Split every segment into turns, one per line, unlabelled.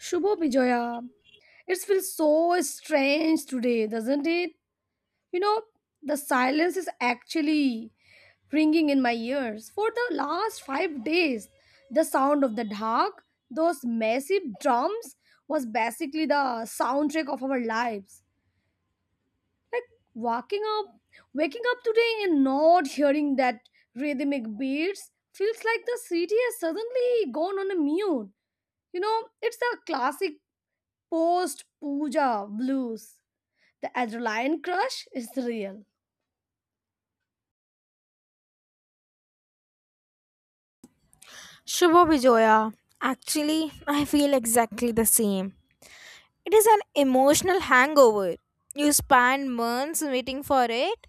Shubho Bijoya. It feels so strange today, doesn't it? You know, the silence is actually ringing in my ears. For the last 5 days, the sound of the dhak, those massive drums, was basically the soundtrack of our lives. Like walking up, waking up today and not hearing that rhythmic beats feels like the city has suddenly gone on a mute. You know, it's a classic post puja blues. The adrenaline crush is real.
Shubho Bijoya. Actually, I feel exactly the same. It is an emotional hangover. You spend months waiting for it,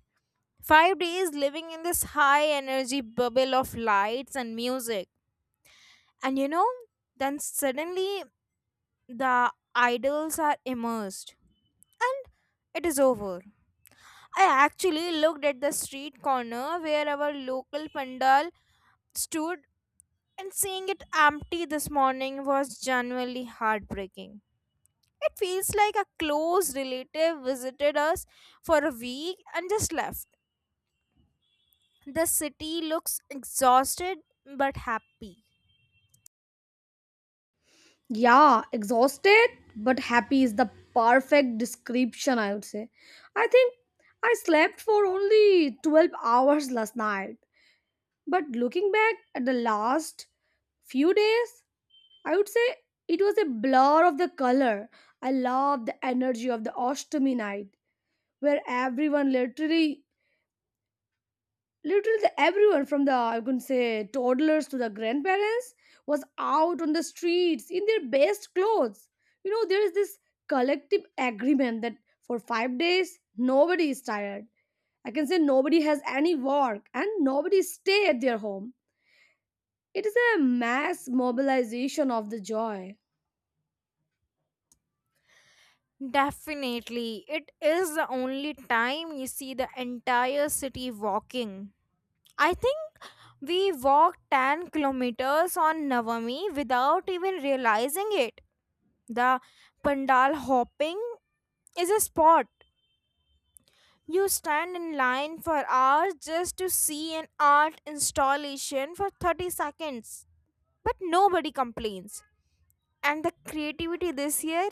5 days living in this high energy bubble of lights and music. And then suddenly the idols are immersed. And it is over. I actually looked at the street corner where our local pandal stood. And seeing it empty this morning was genuinely heartbreaking. It feels like a close relative visited us for a week and just left. The city looks exhausted but happy.
Yeah, exhausted but happy is the perfect description, I would say. I think I slept for only 12 hours last night. But looking back at the last few days, I would say it was a blur of the color. I love the energy of the Oshtami night, where everyone everyone from the I can say toddlers to the grandparents was out on the streets in their best clothes. You know, there is this collective agreement that for 5 days nobody is tired. I can say nobody has any work and nobody stay at their home. It is a mass mobilization of the joy.
Definitely, it is the only time you see the entire city walking. I think we walked 10 kilometers on Navami without even realizing it. The pandal hopping is a sport. You stand in line for hours just to see an art installation for 30 seconds, but nobody complains. And the creativity this year,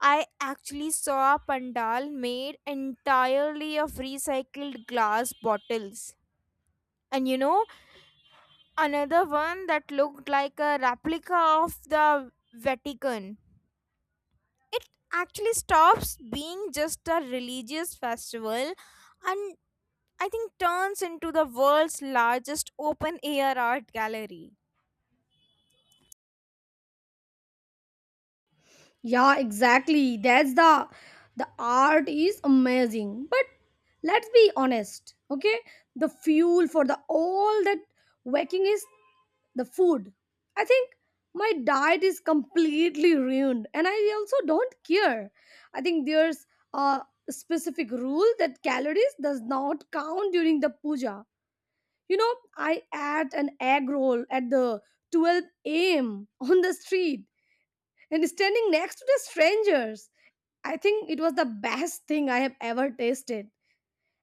I actually saw a pandal made entirely of recycled glass bottles. And another one that looked like a replica of the Vatican. It actually stops being just a religious festival and I think turns into the world's largest open air art gallery.
Yeah, exactly. That's the art is amazing. But let's be honest, okay? The fuel for the all that waking is the food. I think my diet is completely ruined and I also don't care. I think there's a specific rule that calories does not count during the puja. You know, I ate an egg roll at the 12 a.m. on the street and standing next to the strangers. I think it was the best thing I have ever tasted.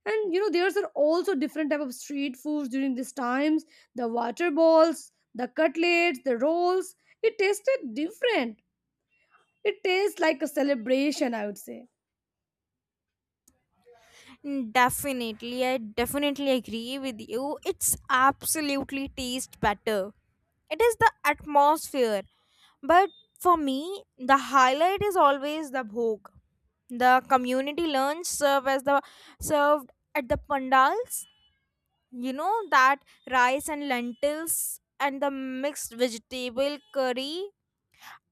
And you know, there's are also different type of street foods during these times. The water balls, the cutlets, the rolls. It tasted different. It tastes like a celebration, I would say.
Mm, definitely, I definitely agree with you. It's absolutely tastes better. It is the atmosphere. But for me, the highlight is always the bhog. The community lunch served at the pandals. You know that rice and lentils and the mixed vegetable curry,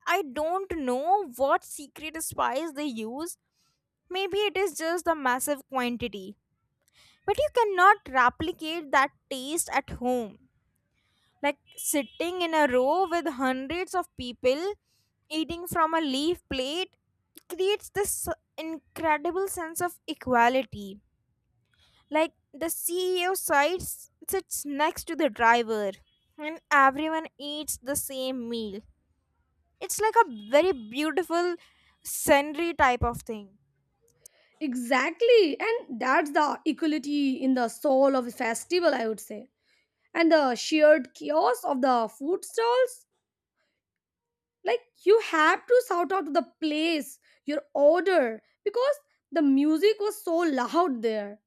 I don't know what secret spice they use. Maybe it is just the massive quantity. But you cannot replicate that taste at home. Like sitting in a row with hundreds of people eating from a leaf plate creates this incredible sense of equality. Like the CEO sides sits next to the driver and everyone eats the same meal. It's like a very beautiful scenery type of thing.
Exactly. And that's the equality in the soul of the festival, I would say. And the shared chaos of the food stalls, like you have to shout out to the place your order because the music was so loud there.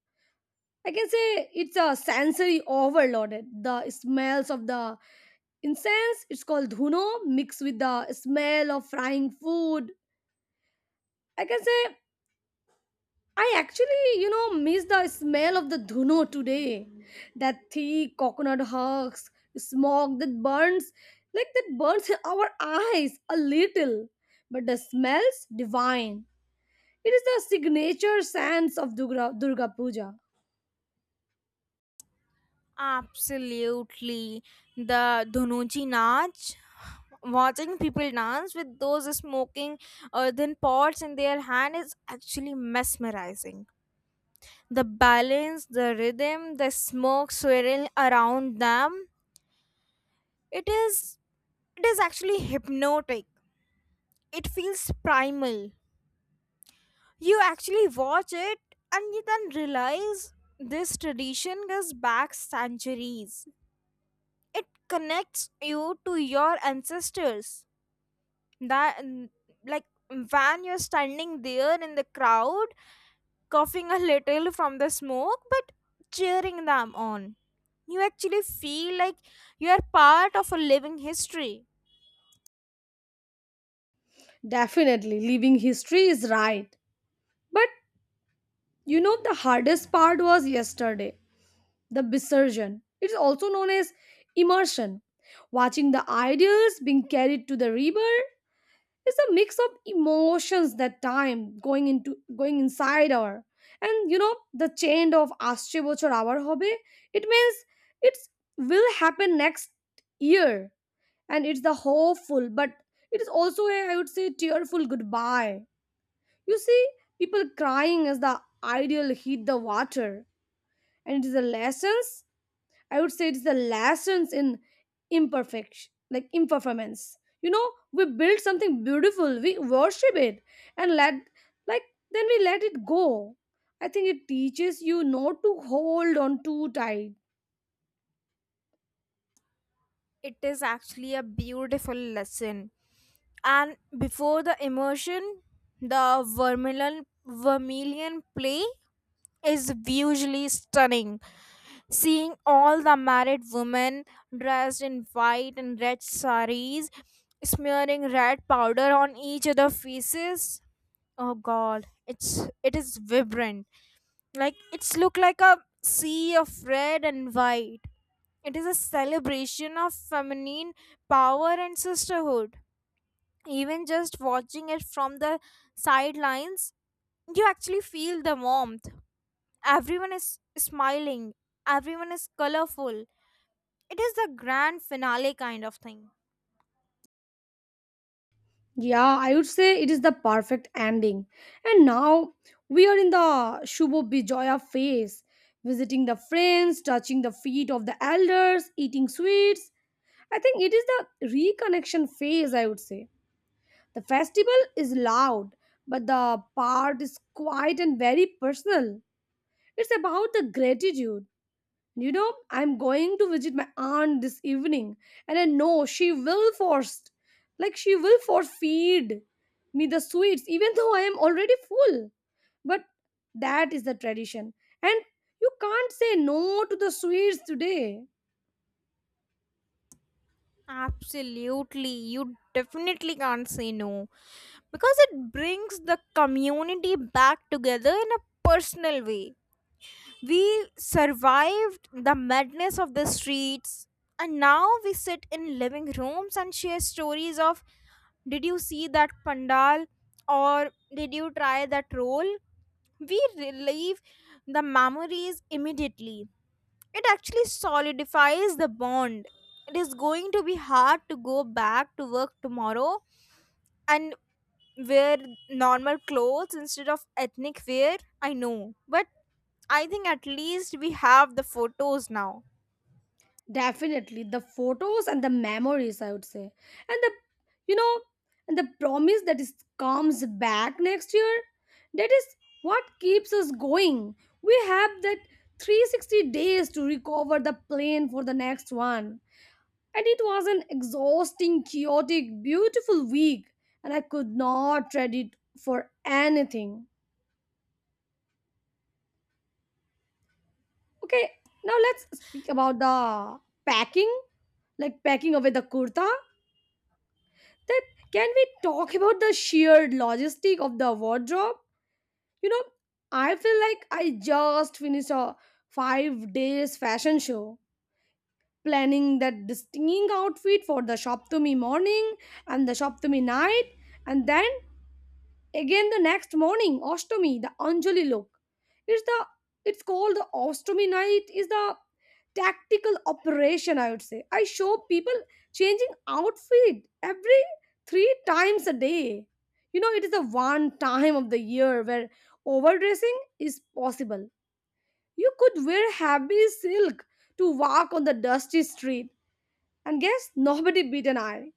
I can say it's a sensory overloaded, the smells of the incense, it's called dhuno, mixed with the smell of frying food. I can say I actually, you know, miss the smell of the dhuno today. That thick coconut husks smoke that burns, like that burns our eyes a little, but the smells divine. It is the signature sense of Durga, Durga Puja.
Absolutely. The Dhunuchi Nach, watching people dance with those smoking earthen pots in their hand is actually mesmerizing. The balance, the rhythm, the smoke swirling around them, it is it is actually hypnotic. It feels primal. You actually watch it and you then realize this tradition goes back centuries. It connects you to your ancestors, that like when you're standing there in the crowd coughing a little from the smoke but cheering them on, you actually feel like you are part of a living history.
Definitely, leaving history is right. But you know, the hardest part was yesterday, the Visarjan. It's also known as immersion. Watching the ideals being carried to the river is a mix of emotions that time, going inside our. And you know, the change of আসছে বছর আবার হবে, it means it will happen next year, and it's the hopeful, but it is also, a I would say, tearful goodbye. You see people crying as the ideal hit the water, and it is the lessons. I would say it's the lessons in imperfection, like imperformance. You know, we build something beautiful, we worship it, and let like then we let it go. I think it teaches you not to hold on too tight.
It is actually a beautiful lesson. And before the immersion, the vermilion play is visually stunning. Seeing all the married women dressed in white and red saris, smearing red powder on each other's faces. Oh God, it is vibrant. Like it's look like a sea of red and white. It is a celebration of feminine power and sisterhood. Even just watching it from the sidelines, you actually feel the warmth. Everyone is smiling, everyone is colorful. It is the grand finale kind of thing.
Yeah, I would say it is the perfect ending. And now we are in the Shubho Bijoya phase, visiting the friends, touching the feet of the elders, eating sweets. I think it is the reconnection phase, I would say. The festival is loud, but the part is quiet and very personal. It's about the gratitude. You know, I'm going to visit my aunt this evening, and I know she will force, like, she will force feed me the sweets, even though I am already full. But that is the tradition, and you can't say no to the sweets today.
Absolutely, you definitely can't say no, because it brings the community back together in a personal way. We survived the madness of the streets, and now we sit in living rooms and share stories of did you see that pandal or did you try that roll? We relive the memories immediately. It actually solidifies the bond. It is going to be hard to go back to work tomorrow and wear normal clothes instead of ethnic wear. I know, but I think at least we have the photos now.
Definitely, the photos and the memories, I would say, and the you know, and the promise that is comes back next year. That is what keeps us going. We have that 360 days to recover the plane for the next one. And it was an exhausting, chaotic, beautiful week, and I could not trade it for anything. Okay, now let's speak about the packing, like packing away the kurta that, can we talk about the sheer logistic of the wardrobe? You know, I feel like I just finished a 5 days fashion show, planning that distinct outfit for the shop to me morning and the shop to me night, and then again, the next morning, Ostomy, the Anjali look. It's the it's called the Ostomy night. Is the tactical operation, I would say. I show people changing outfit every three times a day. You know, it is the one time of the year where overdressing is possible. You could wear heavy silk to walk on the dusty street, and guess nobody beat an eye.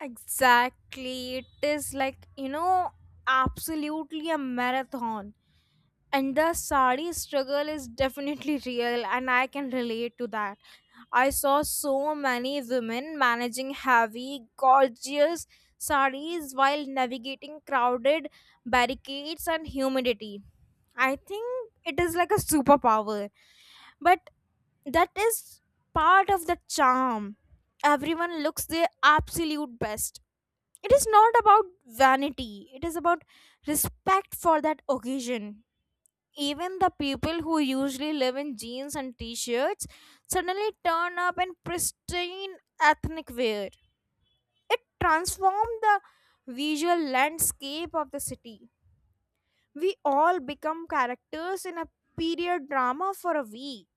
Exactly. It is like, absolutely a marathon. And the sari struggle is definitely real, and I can relate to that. I saw so many women managing heavy, gorgeous saris while navigating crowded barricades and humidity. I think it is like a superpower, but that is part of the charm. Everyone looks their absolute best. It is not about vanity, it is about respect for that occasion. Even the people who usually live in jeans and t shirts suddenly turn up in pristine ethnic wear. It transformed the visual landscape of the city. We all become characters in a period drama for a week.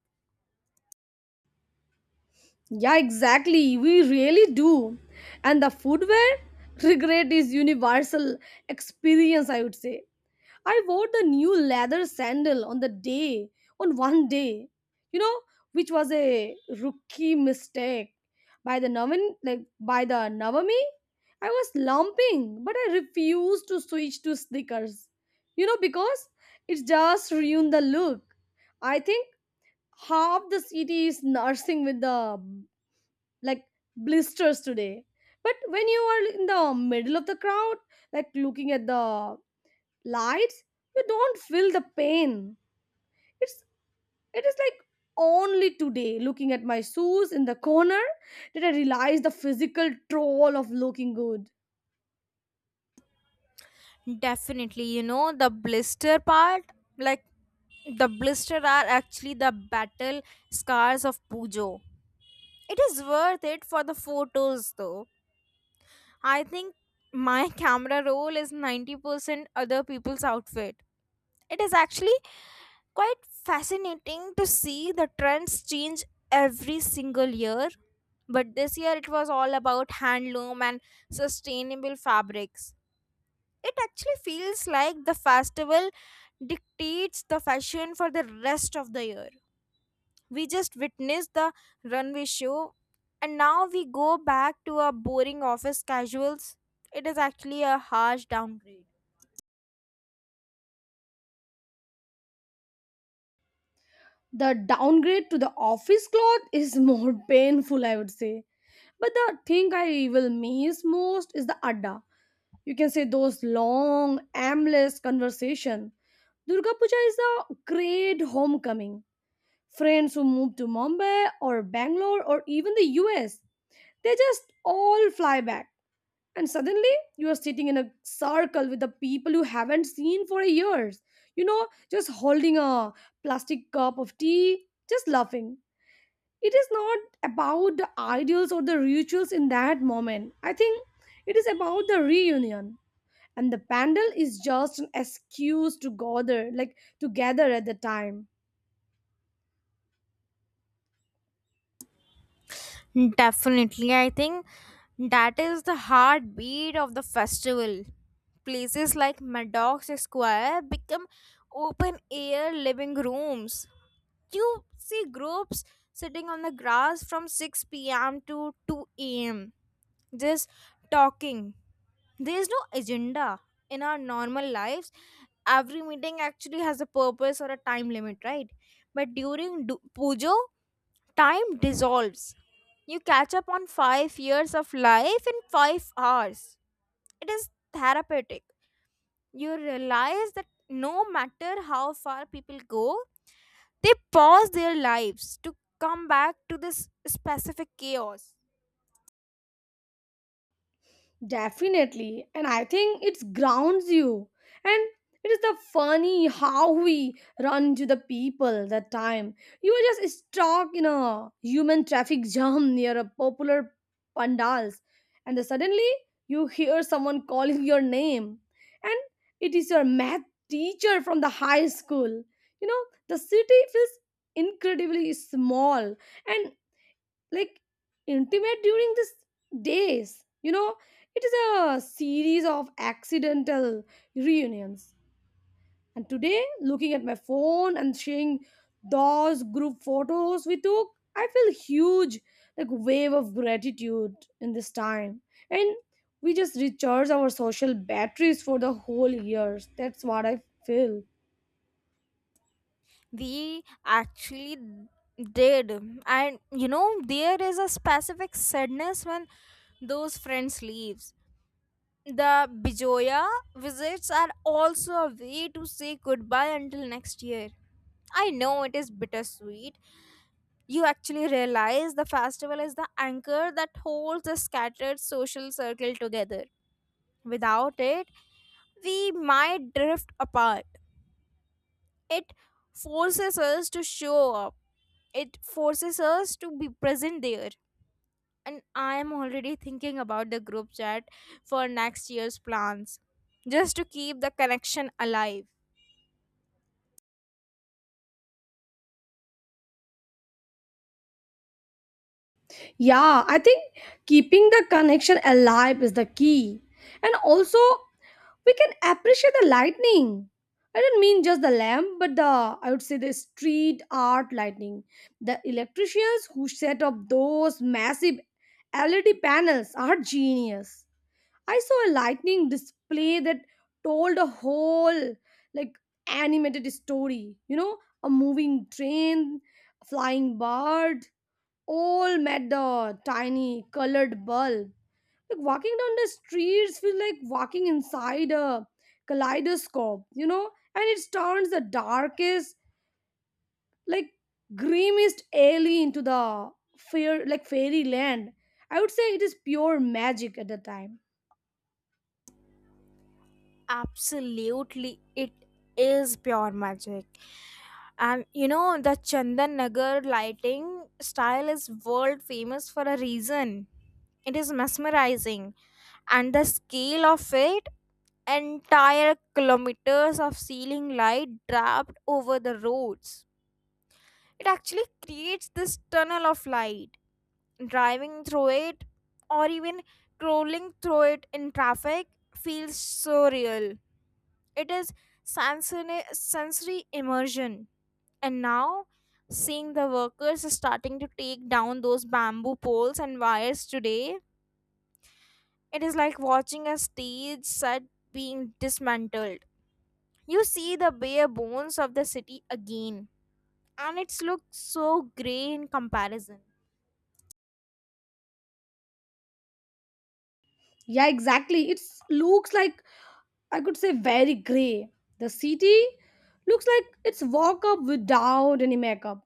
Yeah, exactly. We really do. And the footwear regret is universal experience, I would say. I wore the new leather sandal on the day, on one day, you know, which was a rookie mistake. By the Navami, I was lumping, but I refused to switch to sneakers. You know, because it just ruined the look. I think half the city is nursing with the like blisters today. But when you are in the middle of the crowd, like looking at the lights, you don't feel the pain. It's it is like, only today looking at my shoes in the corner did I realize the physical toll of looking good.
Definitely, the blister part, like the blister are actually the battle scars of Pujo. It is worth it for the photos though. I think my camera roll is 90% other people's outfit. It is actually quite fascinating to see the trends change every single year. But this year it was all about handloom and sustainable fabrics. It actually feels like the festival dictates the fashion for the rest of the year. We just witnessed the runway show, and now we go back to our boring office casuals. It is actually a harsh downgrade.
The downgrade to the office cloth is more painful, I would say. But the thing I will miss most is the adda, you can say those long aimless conversation. Durga puja is a great homecoming. Friends who move to Mumbai or Bangalore or even the US, they just all fly back, and suddenly you are sitting in a circle with the people you haven't seen for years. You know, just holding a plastic cup of tea, just laughing. It is not about the ideals or the rituals in that moment. I think it is about the reunion, and the pandal is just an excuse to gather, at the time.
Definitely, I think that is the heartbeat of the festival. Places like Maddox Square become open air living rooms. You see groups sitting on the grass from 6 p.m. to 2 a.m. just talking. There is no agenda in our normal lives. Every meeting actually has a purpose or a time limit, right? But during Pujo, time dissolves. You catch up on 5 years of life in 5 hours. It is therapeutic. You realize that no matter how far people go, they pause their lives to come back to this specific chaos.
Definitely. And I think it grounds you. And it is the funny how we run to the people that time. You were just stuck in a human traffic jam near a popular pandals. And then suddenly you hear someone calling your name. And it is your math teacher from the high school. You know, the city feels incredibly small and like intimate during these days. You know, it is a series of accidental reunions. And today, looking at my phone and seeing those group photos we took, I feel huge like wave of gratitude in this time. And we just recharge our social batteries for the whole years. That's what I feel.
We actually did. And there is a specific sadness when those friends leaves. The bijoya visits are also a way to say goodbye until next year. I know it is bittersweet. You actually realize the festival is the anchor that holds the scattered social circle together. Without it, we might drift apart. It forces us to show up, it forces us to be present there, and I am already thinking about the group chat for next year's plans, just to keep the connection alive.
Yeah, I think keeping the connection alive is the key. And also, we can appreciate the lightning. I don't mean just the lamp, but the, I would say, the street art lightning. The electricians who set up those massive LED panels are genius. I saw a lightning display that told a whole like animated story. You know, a moving train, a flying bird, all met the tiny colored bulb. Like walking down the streets feels like walking inside a kaleidoscope, you know, and it turns the darkest, like grimmest alley into the fairyland. I would say it is pure magic at the time.
Absolutely, it is pure magic. And the Chandan Nagar lighting style is world famous for a reason. It is mesmerizing, and the scale of it, entire kilometers of ceiling light draped over the roads, it actually creates this tunnel of light. Driving through it or even crawling through it in traffic feels so real. It is sensory immersion. And now, seeing the workers starting to take down those bamboo poles and wires today, it is like watching a stage set being dismantled. You see the bare bones of the city again, and it looks so grey in comparison.
Yeah, exactly. It looks like, I could say, very gray. The city looks like it's walk up without any makeup,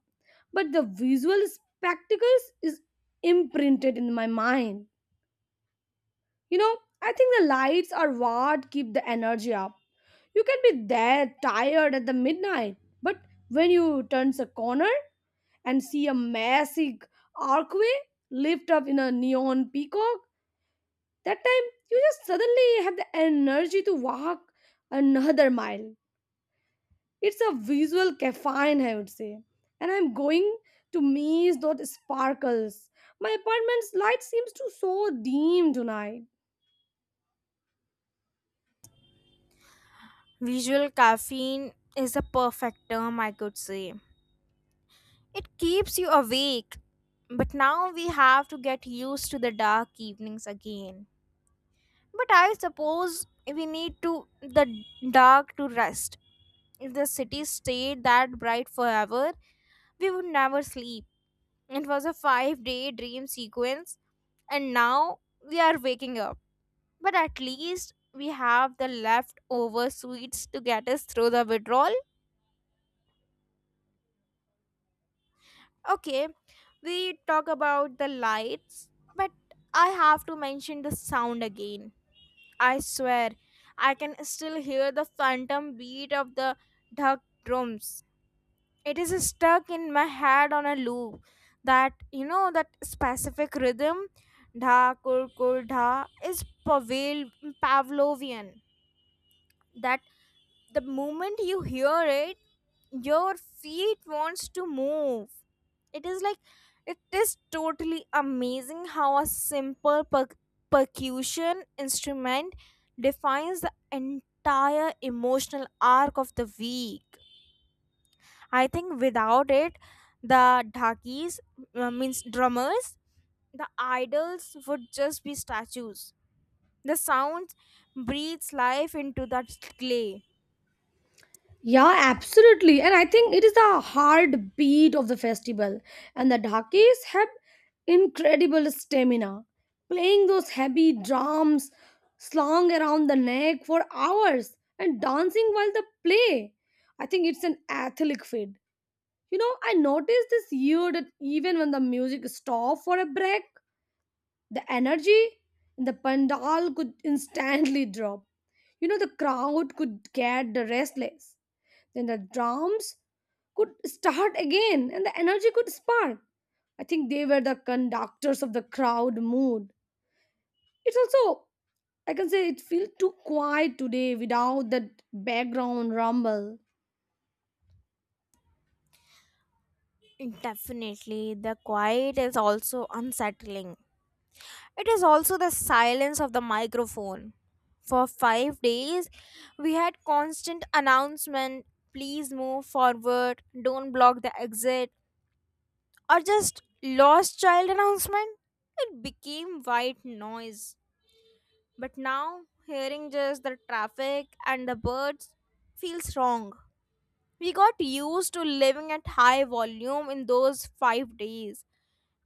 but the visual spectacles is imprinted in my mind. You know, I think the lights are what keep the energy up. You can be there tired at the midnight, but when you turns a corner and see a massive archway lift up in a neon peacock, that time you just suddenly have the energy to walk another mile. It's a visual caffeine, I would say. And I'm going to maze that sparkles. My apartment's light seems to so dim tonight.
Visual caffeine is a perfect term, I could say. It keeps you awake. But now we have to get used to the dark evenings again. But I suppose we need to the dark to rest. If the city stayed that bright forever, we would never sleep. It was a five-day dream sequence, and now we are waking up. But at least we have the leftover sweets to get us through the withdrawal. Okay, we talk about the lights, but I have to mention the sound again. I swear, I can still hear the phantom beat of the duck drums. It is stuck in my head on a loop. That specific rhythm, dha kur kur dha, is Pavel, Pavlovian. That the moment you hear it, your feet wants to move. It is like it is totally amazing how a simple percussion instrument defines the entire emotional arc of the week. I think without it, the dhakis, means drummers, the idols would just be statues. The sound breathes life into that clay.
Yeah, absolutely. And I think it is the heartbeat of the festival. And the Dhakis have incredible stamina. Playing those heavy drums slung around the neck for hours and dancing while they play. I think it's an athletic feat. You know, I noticed this year that even when the music stopped for a break, the energy in the pandal could instantly drop. You know, the crowd could get restless. Then the drums could start again and the energy could spark. I think they were the conductors of the crowd mood. It's also, I can say, it feels too quiet today without that background rumble.
Definitely, the quiet is also unsettling. It is also the silence of the microphone. For 5 days, we had constant announcement please move forward, don't block the exit, or just lost child announcement. It became white noise. But now, hearing just the traffic and the birds feels wrong. We got used to living at high volume in those 5 days.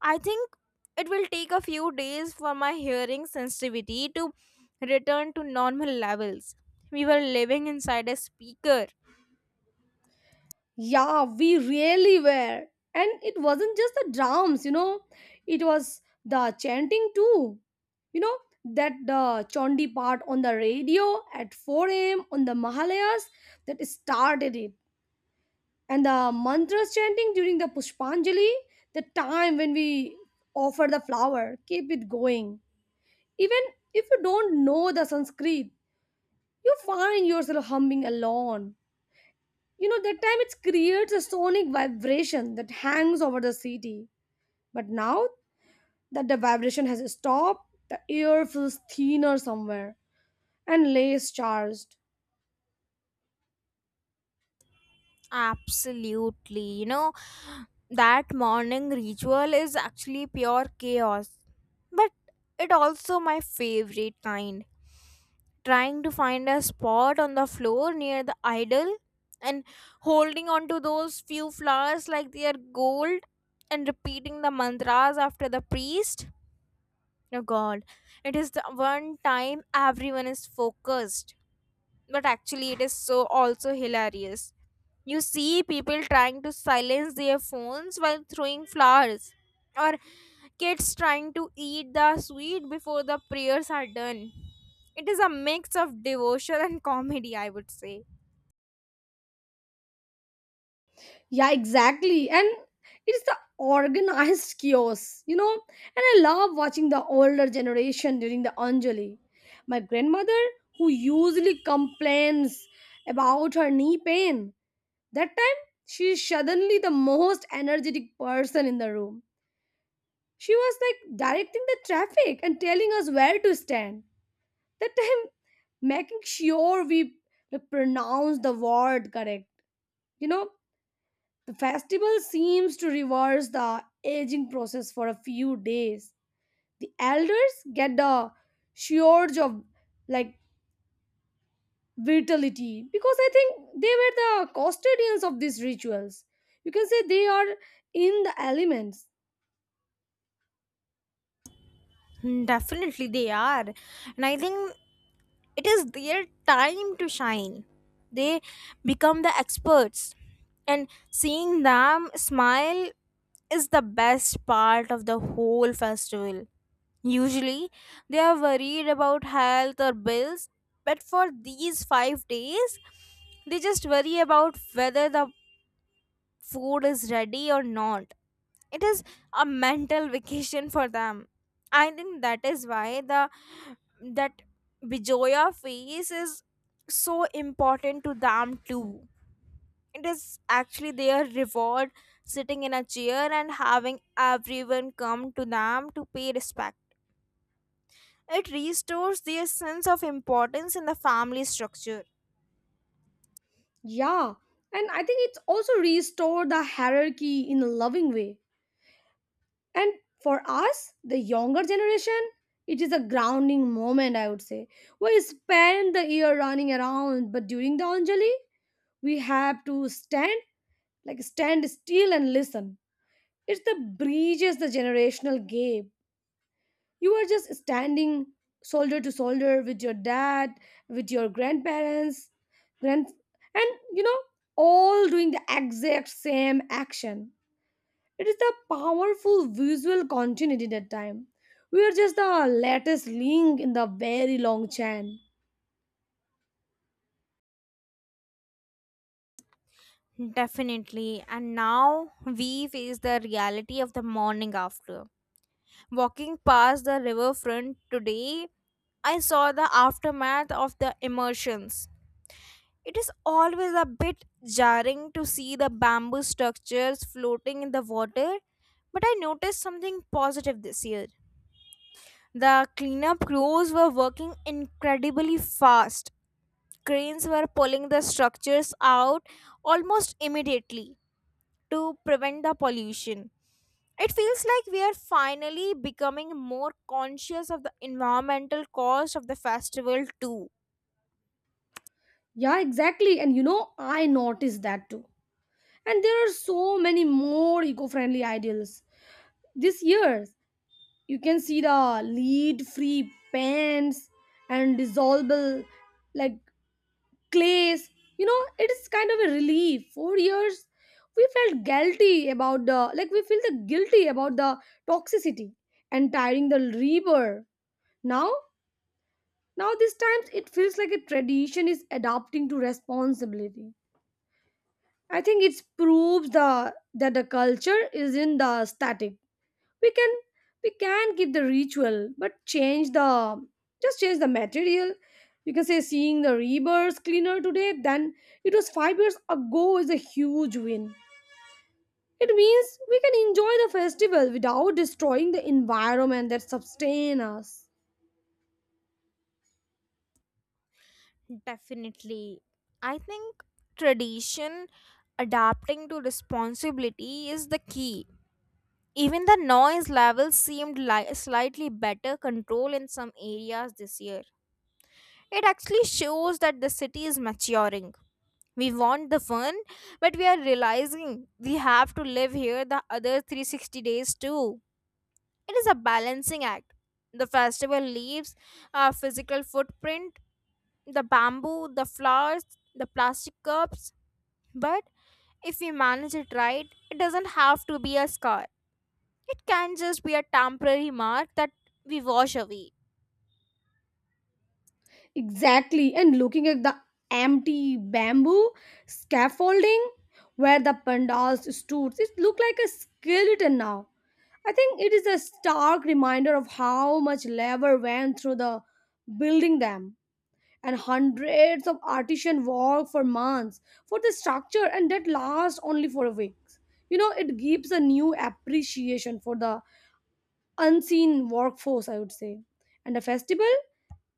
I think it will take a few days for my hearing sensitivity to return to normal levels. We were living inside a speaker.
Yeah, we really were. And it wasn't just the drums, you know, it was the chanting too. You know, that the Chondi part on the radio at 4 a.m. on the Mahalayas that started it. And the mantras chanting during the Pushpanjali, the time when we offer the flower, keep it going. Even if you don't know the Sanskrit, you find yourself humming alone. You know, that time it creates a sonic vibration that hangs over the city. But now that the vibration has stopped, the air feels thinner somewhere and less charged.
Absolutely. That morning ritual is actually pure chaos. But it also my favorite kind. Trying to find a spot on the floor near the idol and holding on to those few flowers like they are gold and repeating the mantras after the priest. Oh God, it is the one time everyone is focused, but actually it is so also hilarious. You see people trying to silence their phones while throwing flowers, or kids trying to eat the sweet before the prayers are done. It is a mix of devotion and comedy, I would say.
Yeah, exactly. And it's the organized chaos, you know. And I love watching the older generation during the Anjali. My grandmother, who usually complains about her knee pain, that time she's suddenly the most energetic person in the room. She was like directing the traffic and telling us where to stand. That time, making sure we, like, pronounce the word correct. You know, the festival seems to reverse the aging process for a few days. The elders get the surge of like vitality because I think they were the custodians of these rituals. You can say they are in the elements.
Hmm, definitely they are. And I think it is their time to shine. They become the experts, and seeing them smile is the best part of the whole festival. Usually they are worried about health or bills, but for these 5 days they just worry about whether the food is ready or not. It is a mental vacation for them. I think that is why the, that bijoya phase is so important to them too. It is actually their reward, sitting in a chair and having everyone come to them to pay respect. It restores their sense of importance in the family structure.
Yeah, and I think it's also restored the hierarchy in a loving way. And for us, the younger generation, it is a grounding moment, I would say. We spend the year running around, but during the Anjali, we have to stand, like stand still and listen. It's the bridges the generational gap. You are just standing shoulder to shoulder with your dad, with your grandparents grand, and you know, all doing the exact same action. It is the powerful visual continuity that time. We are just the latest link in the very long chain.
Definitely. And now we face the reality of the morning after. Walking past the riverfront today, I saw the aftermath of the immersions. It is always a bit jarring to see the bamboo structures floating in the water, but I noticed something positive this year. The cleanup crews were working incredibly fast. Cranes were pulling the structures out almost immediately to prevent the pollution. It feels like we are finally becoming more conscious of the environmental cost of the festival, too.
Yeah, exactly. And you know, I noticed that too. And there are so many more eco-friendly ideals this year. You can see the lead free pans and dissolvable like clays. You know, it is kind of a relief. For years we felt guilty about the, like we feel the guilty about the toxicity and tiring the river. now now these times it feels like a tradition is adapting to responsibility. I think it proves the that the culture is in the static. we can we can keep the ritual but change the, just change the material. You can say seeing the rebirth cleaner today than it was 5 years ago is a huge win. It means we can enjoy the festival without destroying the environment that sustain us.
Definitely. I think tradition adapting to responsibility is the key. Even the noise level seemed slightly better control in some areas this year. It actually shows that the city is maturing. We want the fun, but we are realizing we have to live here the other 360 days too. It is a balancing act. The festival leaves our physical footprint, the bamboo, the flowers, the plastic cups. But if we manage it right, it doesn't have to be a scar. It can just be a temporary mark that we wash away.
Exactly. And looking at the empty bamboo scaffolding where the pandals stood, it looked like a skeleton now. I think it is a stark reminder of how much labor went through the building them, and hundreds of artisans worked for months for the structure and that lasts only for weeks. You know, it gives a new appreciation for the unseen workforce, I would say. And the festival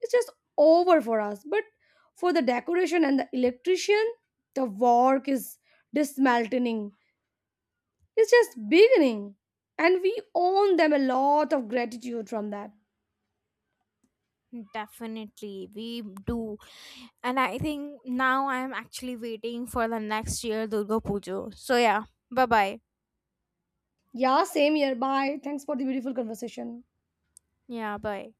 is just over for us. But for the decoration and the electrician, the work is dismantling, it's just beginning. And we own them a lot of gratitude from that.
Definitely, we do. And I think now I'm actually waiting for the next year Durga Puja. So, yeah, bye bye.
Yeah, same here. Bye. Thanks for the beautiful conversation.
Yeah, bye.